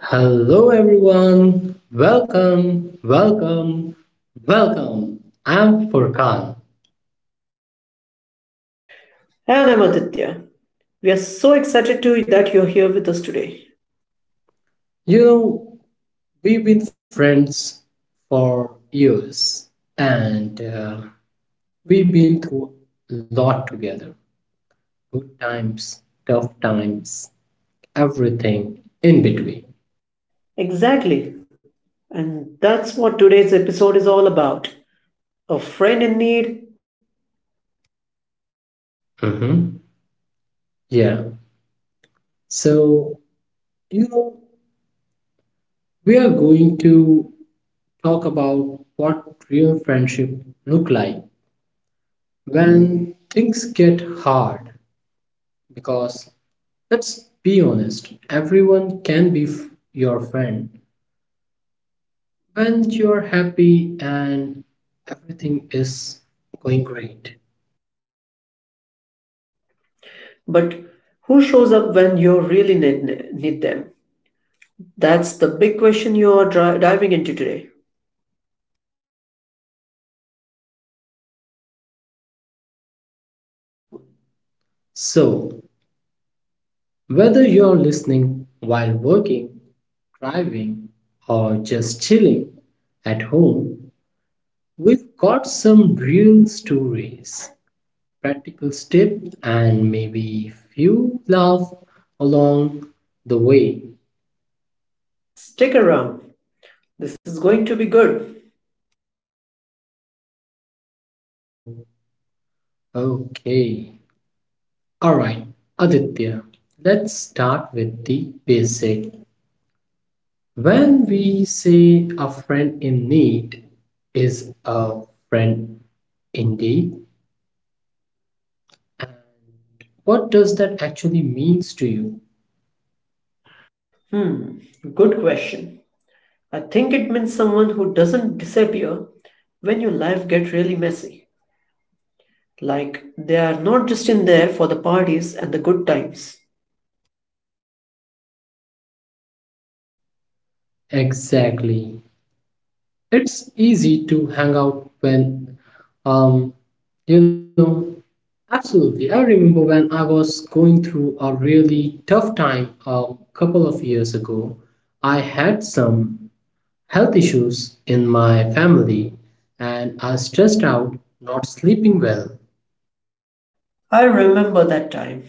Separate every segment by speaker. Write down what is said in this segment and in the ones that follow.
Speaker 1: hello everyone, welcome, welcome, welcome. I'm Furkan.
Speaker 2: And I'm Aditya. We are so excited to that you're here with us today.
Speaker 1: You know, we've been friends for years and we've been through a lot together, good times, tough times, everything in between.
Speaker 2: Exactly. And that's what today's episode is all about. A friend in need,
Speaker 1: Mhm. Yeah. So, you know, we are going to talk about what real friendship look like when things get hard because let's be honest, everyone can be your friend when you're happy and everything is going great.
Speaker 2: but who shows up when you really need them? That's the big question you're diving into today.
Speaker 1: So whether you're listening while working, driving, or just chilling at home, we've got some real stories, practical tips, and maybe few laugh along the way.
Speaker 2: Stick around. This is going to be good.
Speaker 1: Okay. All right, Aditya, let's start with the basic. When we say a friend in need is a friend indeed, what does that actually means to you?
Speaker 2: Hmm, Good question. I think it means someone who doesn't disappear when your life gets really messy. Like, they are not just in there for the parties and the good times.
Speaker 1: Exactly. It's easy to hang out when, um, you know, Absolutely. I remember when I was going through a really tough time a couple of years ago, I had some health issues in my family and are stressed out, not sleeping well.
Speaker 2: I remember that time.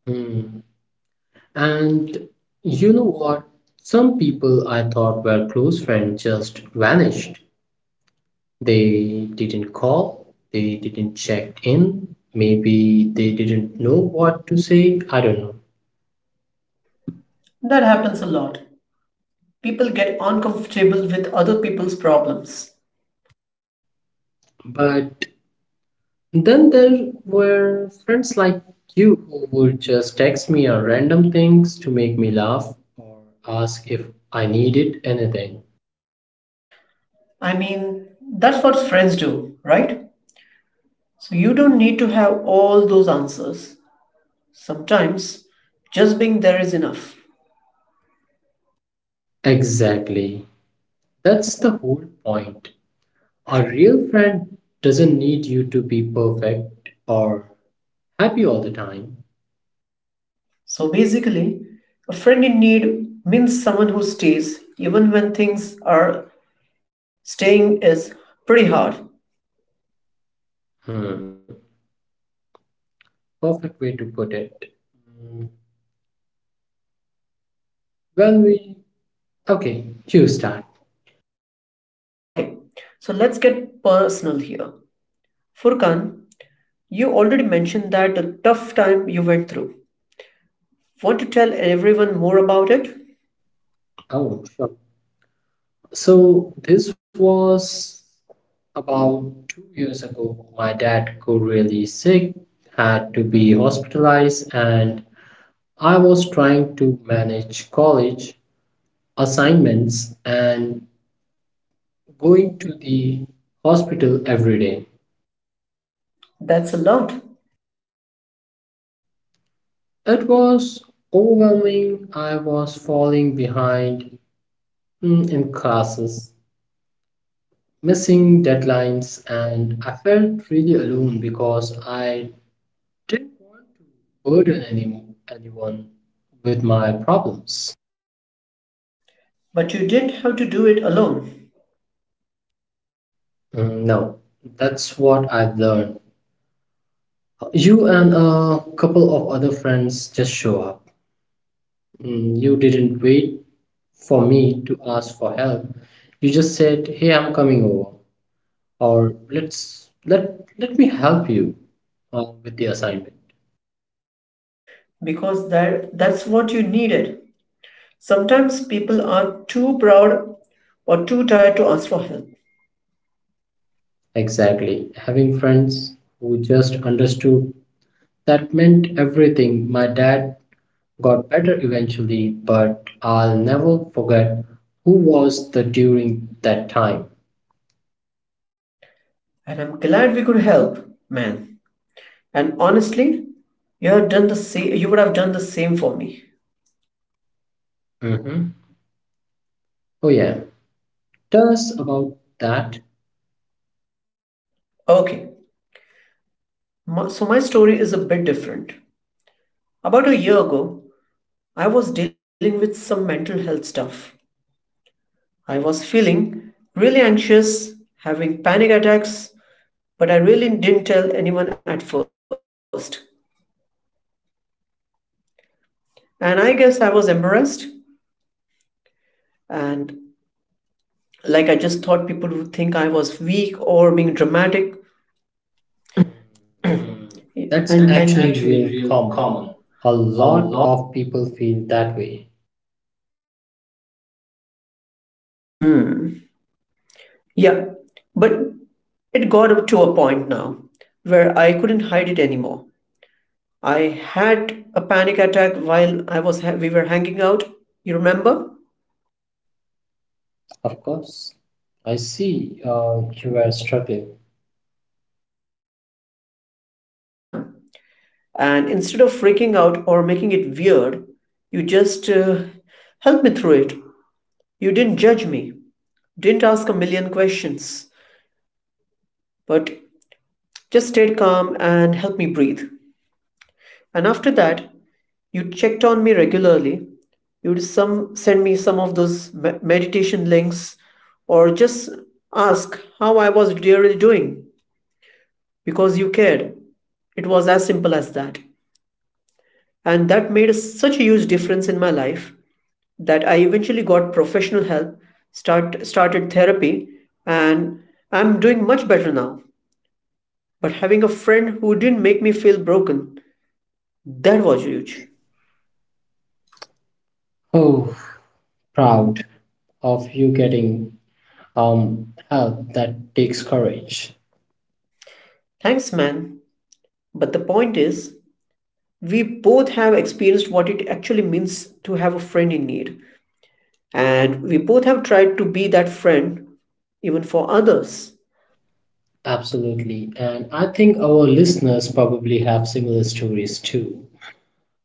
Speaker 1: Hmm. And you know what? Some people I thought were close friends just vanished. They didn't call, they didn't check in, maybe they didn't know what to say, I don't know.
Speaker 2: That happens a lot. People get uncomfortable with other people's problems.
Speaker 1: But then there were friends like you who would just text me or random things to make me laugh, or ask if I needed anything.
Speaker 2: I mean, that's what friends do, right? So you don't need to have all those answers. Sometimes, just being there is enough.
Speaker 1: Exactly. That's the whole point. A real friend doesn't need you to be perfect or happy all the time.
Speaker 2: So basically, a friend in need means someone who stays even when things are staying is pretty hard.
Speaker 1: Hmm. Perfect way to put it. Hmm. Well, we. Okay, you start.
Speaker 2: All right. Okay. So let's get personal here. Furkan, you already mentioned that the tough time you went through. Want to tell everyone more about it?
Speaker 1: Oh, sure. So this was about 2 years ago. My dad got really sick, had to be hospitalized, and I was trying to manage college assignments and going to the hospital every day.
Speaker 2: That's a lot,
Speaker 1: It was overwhelming. I was falling behind, in classes, missing deadlines, and I felt really alone because I didn't want to burden anyone with my problems.
Speaker 2: but you didn't have to do it alone
Speaker 1: Mm, no, that's what I've learned. You and a couple of other friends just show up. Mm, you didn't wait for me to ask for help. You just said, "Hey, I'm coming over," or "Let's let me help you with the assignment."
Speaker 2: because that's what you needed. Sometimes people are too proud or too tired to ask for help,
Speaker 1: Exactly. Having friends who just understood that meant everything. My dad got better eventually, but I'll never forget who was the during that time.
Speaker 2: and I'm glad we could help, man. And honestly, you have done the same. You would have done the same for me.
Speaker 1: Hmm. Oh yeah, tell us about that.
Speaker 2: Okay, so my story is a bit different. About a year ago, I was dealing with some mental health stuff. I was feeling really anxious, having panic attacks, but I really didn't tell anyone at first. And I guess I was embarrassed and like I just thought people would think I was weak or being dramatic. That's
Speaker 1: Actually
Speaker 2: And
Speaker 1: real
Speaker 2: actually real
Speaker 1: common.
Speaker 2: common.
Speaker 1: A
Speaker 2: A
Speaker 1: lot
Speaker 2: lot
Speaker 1: of people feel that way.
Speaker 2: yeah, but it got up to a point now where I couldn't hide it anymore. I had a panic attack while I was we were hanging out. You remember?
Speaker 1: Of course, I see you are struggling.
Speaker 2: Yeah. And instead of freaking out or making it weird, you just helped me through it. You didn't judge me, didn't ask a million questions, but just stayed calm and helped me breathe. And after that, you checked on me regularly. You'd some send me some of those meditation links or just ask how I was really doing. Because you cared. It was as simple as that. And that made such a huge difference in my life that I eventually got professional help, started therapy, and I'm doing much better now. But having a friend who didn't make me feel broken, that was huge.
Speaker 1: Oh, proud of you getting help, that takes courage.
Speaker 2: Thanks, man. But the point is, we both have experienced what it actually means to have a friend in need, and we both have tried to be that friend even for others.
Speaker 1: Absolutely, and I think our listeners probably have similar stories too.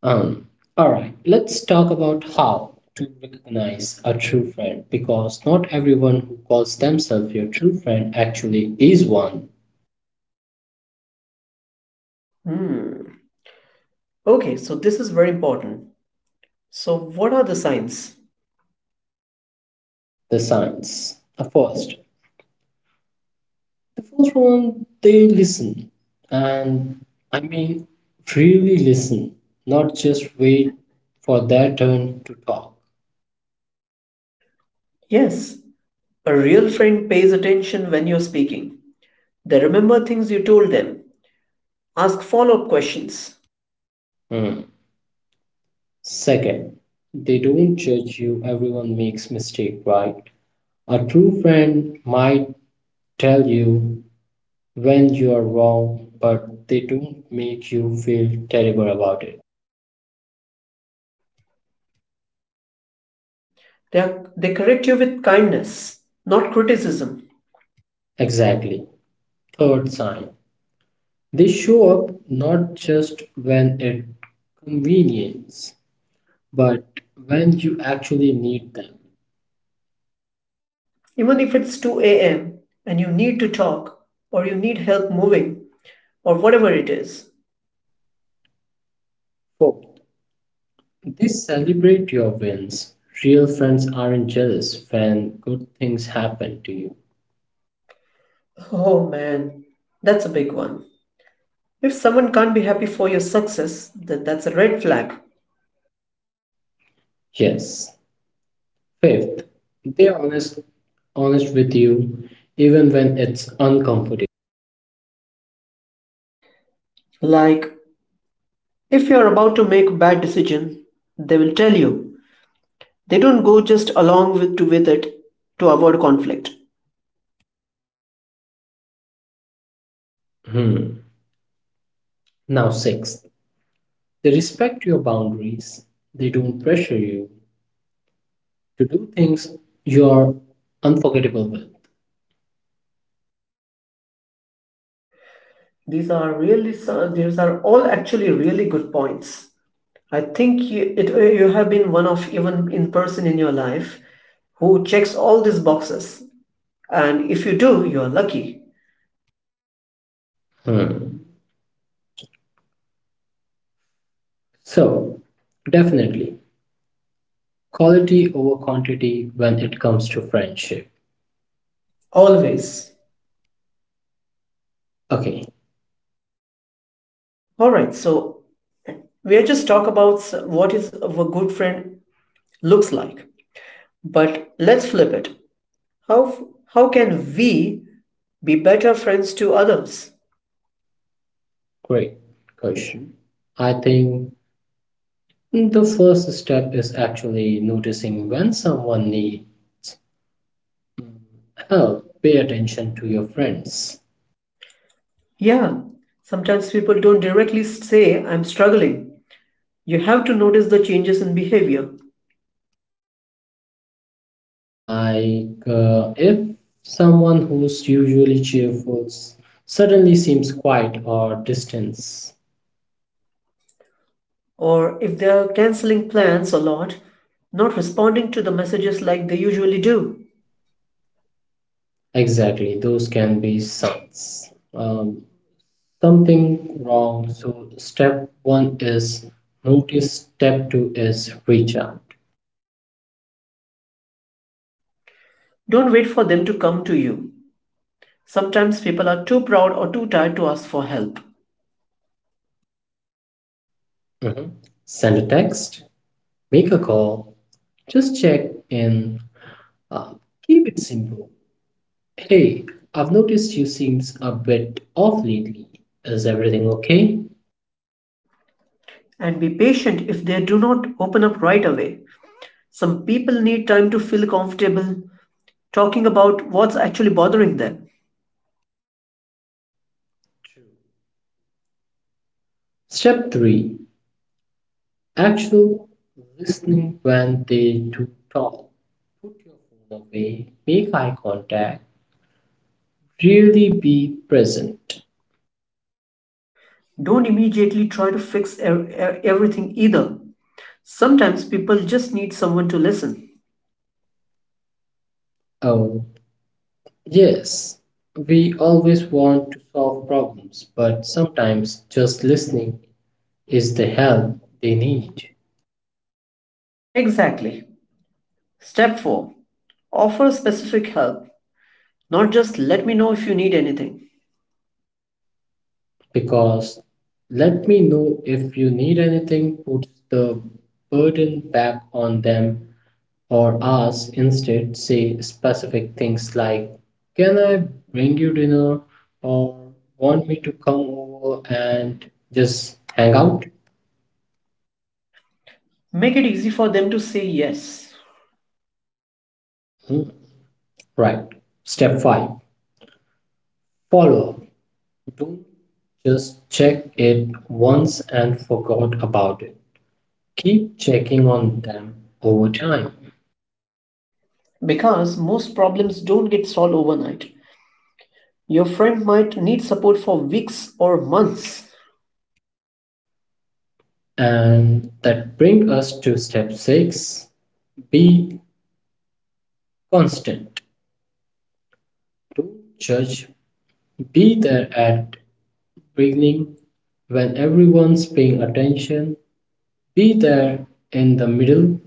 Speaker 1: Um, all right, let's talk about how to recognize a true friend because not everyone who calls themselves your true friend actually is one.
Speaker 2: Hmm. Okay, so this is very important. So, what are the signs?
Speaker 1: The signs. The first one, they listen, and I mean really listen, not just wait for their turn to talk.
Speaker 2: Yes, a real friend pays attention when you're speaking. They remember things you told them, ask follow up questions.
Speaker 1: Hmm. Second, they don't judge you, everyone makes mistake, right? A true friend might tell you when you are wrong, but they don't make you feel terrible about it.
Speaker 2: They correct you with kindness, not criticism.
Speaker 1: Exactly. Third sign. They show up not just when it convenience, but when you actually need them.
Speaker 2: Even if it's 2 a.m. and you need to talk, or you need help moving, or whatever it is.
Speaker 1: Fourth, they celebrate your wins. Real friends aren't jealous when good things happen to you.
Speaker 2: Oh man, that's a big one. If someone can't be happy for your success, then that's a red flag.
Speaker 1: Yes. Fifth, they're honest with you even when it's uncomfortable.
Speaker 2: Like, if you're about to make a bad decision, they will tell you. They don't go just along with it to avoid conflict.
Speaker 1: Hmm. Now sixth, they respect your boundaries. They don't pressure you to do things you're unforgettable with.
Speaker 2: These are really these are all actually really good points. I think you have been one of even in person in your life who checks all these boxes. And if you do, you're lucky.
Speaker 1: Hmm. So, definitely, quality over quantity when it comes to friendship. Always.
Speaker 2: Always.
Speaker 1: Okay,
Speaker 2: All right, so we are just talk about what is a good friend looks like. But let's flip it. How how can we be better friends to others.
Speaker 1: great question. I think the first step is actually noticing when someone needs help. Pay attention to your friends.
Speaker 2: Yeah, sometimes people don't directly say, I'm struggling. You have to notice the changes in behavior.
Speaker 1: Like if someone who's usually cheerful suddenly seems quiet or distant.
Speaker 2: Or if they're canceling plans a lot, not responding to the messages like they usually do.
Speaker 1: Exactly, those can be signs. Something wrong. So step one is notice. Step two is reach out.
Speaker 2: Don't wait for them to come to you. Sometimes people are too proud or too tired to ask for help.
Speaker 1: Mhm. Send a text. Make a call. Just check in. Uh, keep it simple. Hey, I've noticed you seems a bit off lately. Is everything okay?
Speaker 2: And be patient if they do not open up right away. Some people need time to feel comfortable talking about what's actually bothering them.
Speaker 1: True. Step 3, actual listening when they do talk. Put your phone away, make eye contact, really be present.
Speaker 2: Don't immediately try to fix everything either. Sometimes people just need someone to listen.
Speaker 1: Oh, yes, we always want to solve problems, but sometimes just listening is the help they need.
Speaker 2: Exactly. Step 4. Offer specific help, not just let me know if you need anything.
Speaker 1: Because let me know if you need anything puts the burden back on them or us, instead say specific things like, can I bring you dinner, or want me to come over and just hang out.
Speaker 2: Make it easy for them to say yes.
Speaker 1: Hmm, right, step 5, follow up, don't just check it once and forgot about it, keep checking on them over time.
Speaker 2: Because most problems don't get solved overnight. Your friend might need support for weeks or months.
Speaker 1: And that brings us to step 6, be constant, don't judge, be there at beginning when everyone's paying attention. Be there in the middle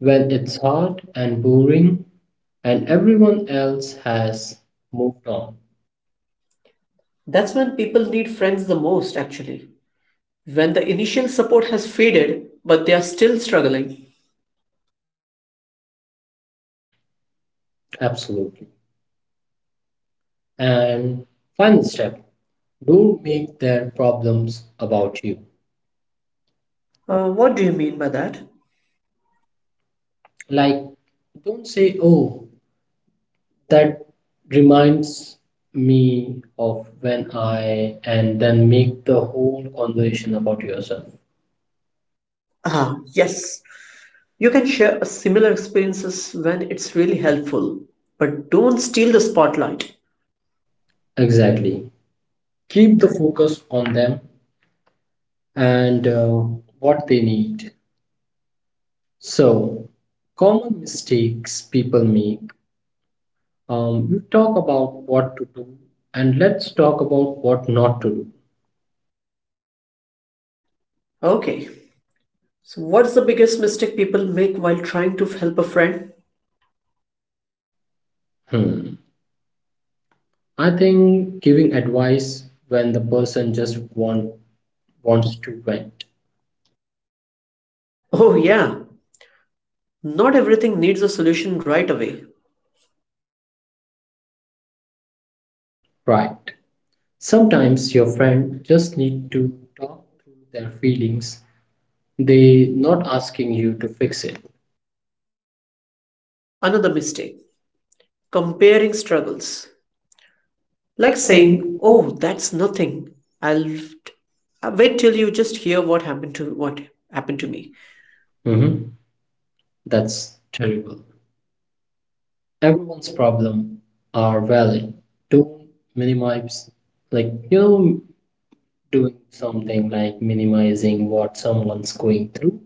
Speaker 1: when it's hot and boring and everyone else has moved on.
Speaker 2: That's when people need friends the most, actually. When the initial support has faded, but they are still struggling.
Speaker 1: Absolutely. And final step, don't make their problems about you.
Speaker 2: What do you mean by that?
Speaker 1: Like, don't say, oh, that reminds me of when I, and then make the whole conversation about yourself.
Speaker 2: Ah, yes. You can share a similar experiences when it's really helpful, but don't steal the spotlight.
Speaker 1: Exactly. Keep the focus on them and what they need. So, common mistakes people make. You talk about what to do, and let's talk about what not to
Speaker 2: Okay. So what's the biggest mistake people make while trying to help a friend?
Speaker 1: do. Hmm. I think giving advice when the person just want, wants to vent.
Speaker 2: Oh yeah. Not everything needs a solution right away.
Speaker 1: Right. Sometimes your friend just need to talk through their feelings. They not asking you to fix it.
Speaker 2: Another mistake. Comparing struggles. Like
Speaker 1: Like
Speaker 2: saying,
Speaker 1: saying, oh,
Speaker 2: "Oh, that's nothing. I'll wait till you just hear what happened to me."
Speaker 1: hmm, that's terrible. Everyone's problem are valid, don't minimize, like you know, doing something like minimizing what someone's going through,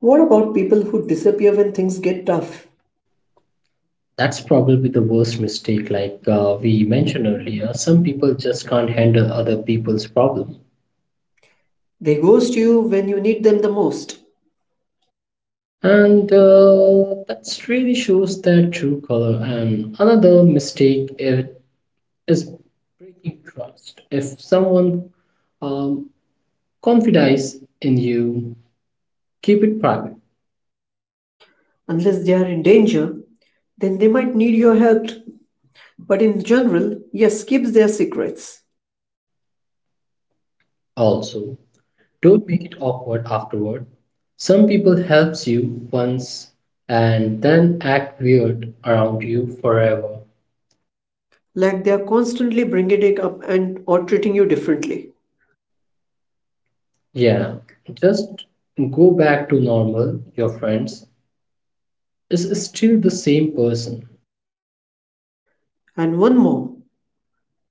Speaker 2: What about people who disappear when things get tough?
Speaker 1: that's probably the worst mistake. Like we mentioned earlier, some people just can't handle other people's problem,
Speaker 2: They ghost you when you need them the most.
Speaker 1: and that really shows their true color. And another mistake, is breaking trust. If someone um, confides in you, keep it private.
Speaker 2: Unless they are in danger, then they might need your help. But in general, yes, keeps their secrets.
Speaker 1: Also, don't make it awkward afterward. Some people helps you once and then act weird around you forever.
Speaker 2: Like they are constantly bringing it up and or treating you differently.
Speaker 1: Yeah, just go back to normal, your friends is still the same person.
Speaker 2: And one more,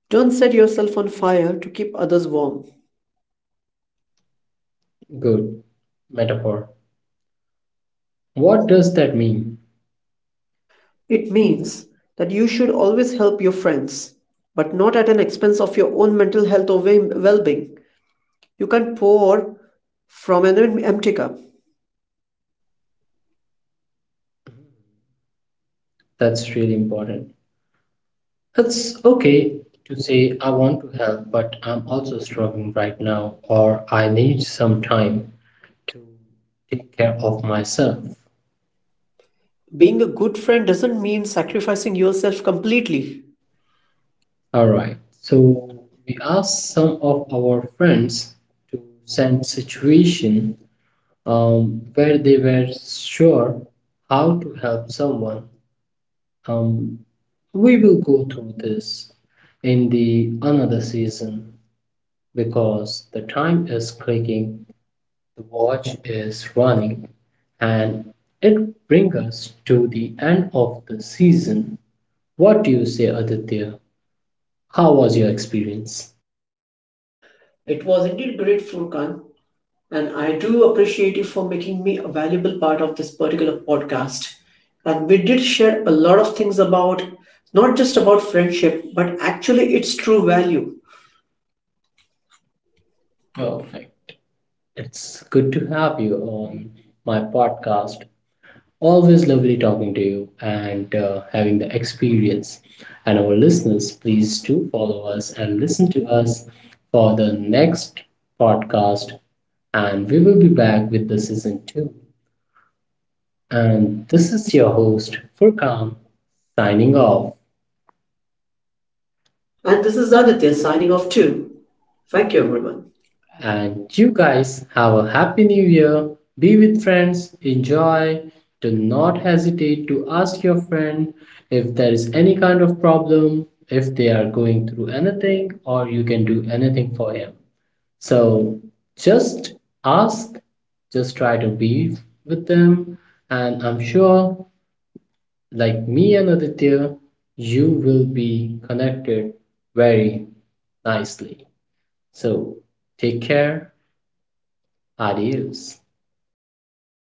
Speaker 2: don't set yourself on fire to keep others warm.
Speaker 1: Good metaphor. What does that mean?
Speaker 2: It
Speaker 1: It
Speaker 2: means
Speaker 1: means
Speaker 2: that you should always help your friends, but not at an expense of your own mental health or well being. You can't pour from an empty cup.
Speaker 1: that's really important. It's okay to say, I want to help, but I'm also struggling right now, or I need some time to take care of myself.
Speaker 2: Being
Speaker 1: Being
Speaker 2: a good friend doesn't mean sacrificing yourself completely.
Speaker 1: alright, so we asked some of our friends to send situation where they were sure how to help someone. Um, we will go through this in the another season because the time is clicking, the watch is running, and it brings us to the end of the season. What do you say, Aditya? How was your experience?
Speaker 2: It was indeed great, Furkan, and I do appreciate you for making me a valuable part of this particular podcast. And we did share a lot of things about not just about friendship, but actually its true value. Well,
Speaker 1: Perfect. It's good to have you on my podcast. Always lovely talking to you and having the experience. And our listeners, please do follow us and listen to us for the next podcast. And we will be back with the season two. And this is your host, Furkan, signing off.
Speaker 2: and this is Aditya signing
Speaker 1: Signing
Speaker 2: off
Speaker 1: off too.
Speaker 2: too. Thank
Speaker 1: Thank
Speaker 2: you,
Speaker 1: you.
Speaker 2: everyone.
Speaker 1: And you guys have a happy new year. Be with friends, enjoy. Do not hesitate to ask your friend if there is any kind of problem, if they are going through anything, or you can do anything for him. So just ask, just try to be with them. And I'm sure, like me and Aditya, you will be connected very nicely. So take care. Adios.
Speaker 2: Adios.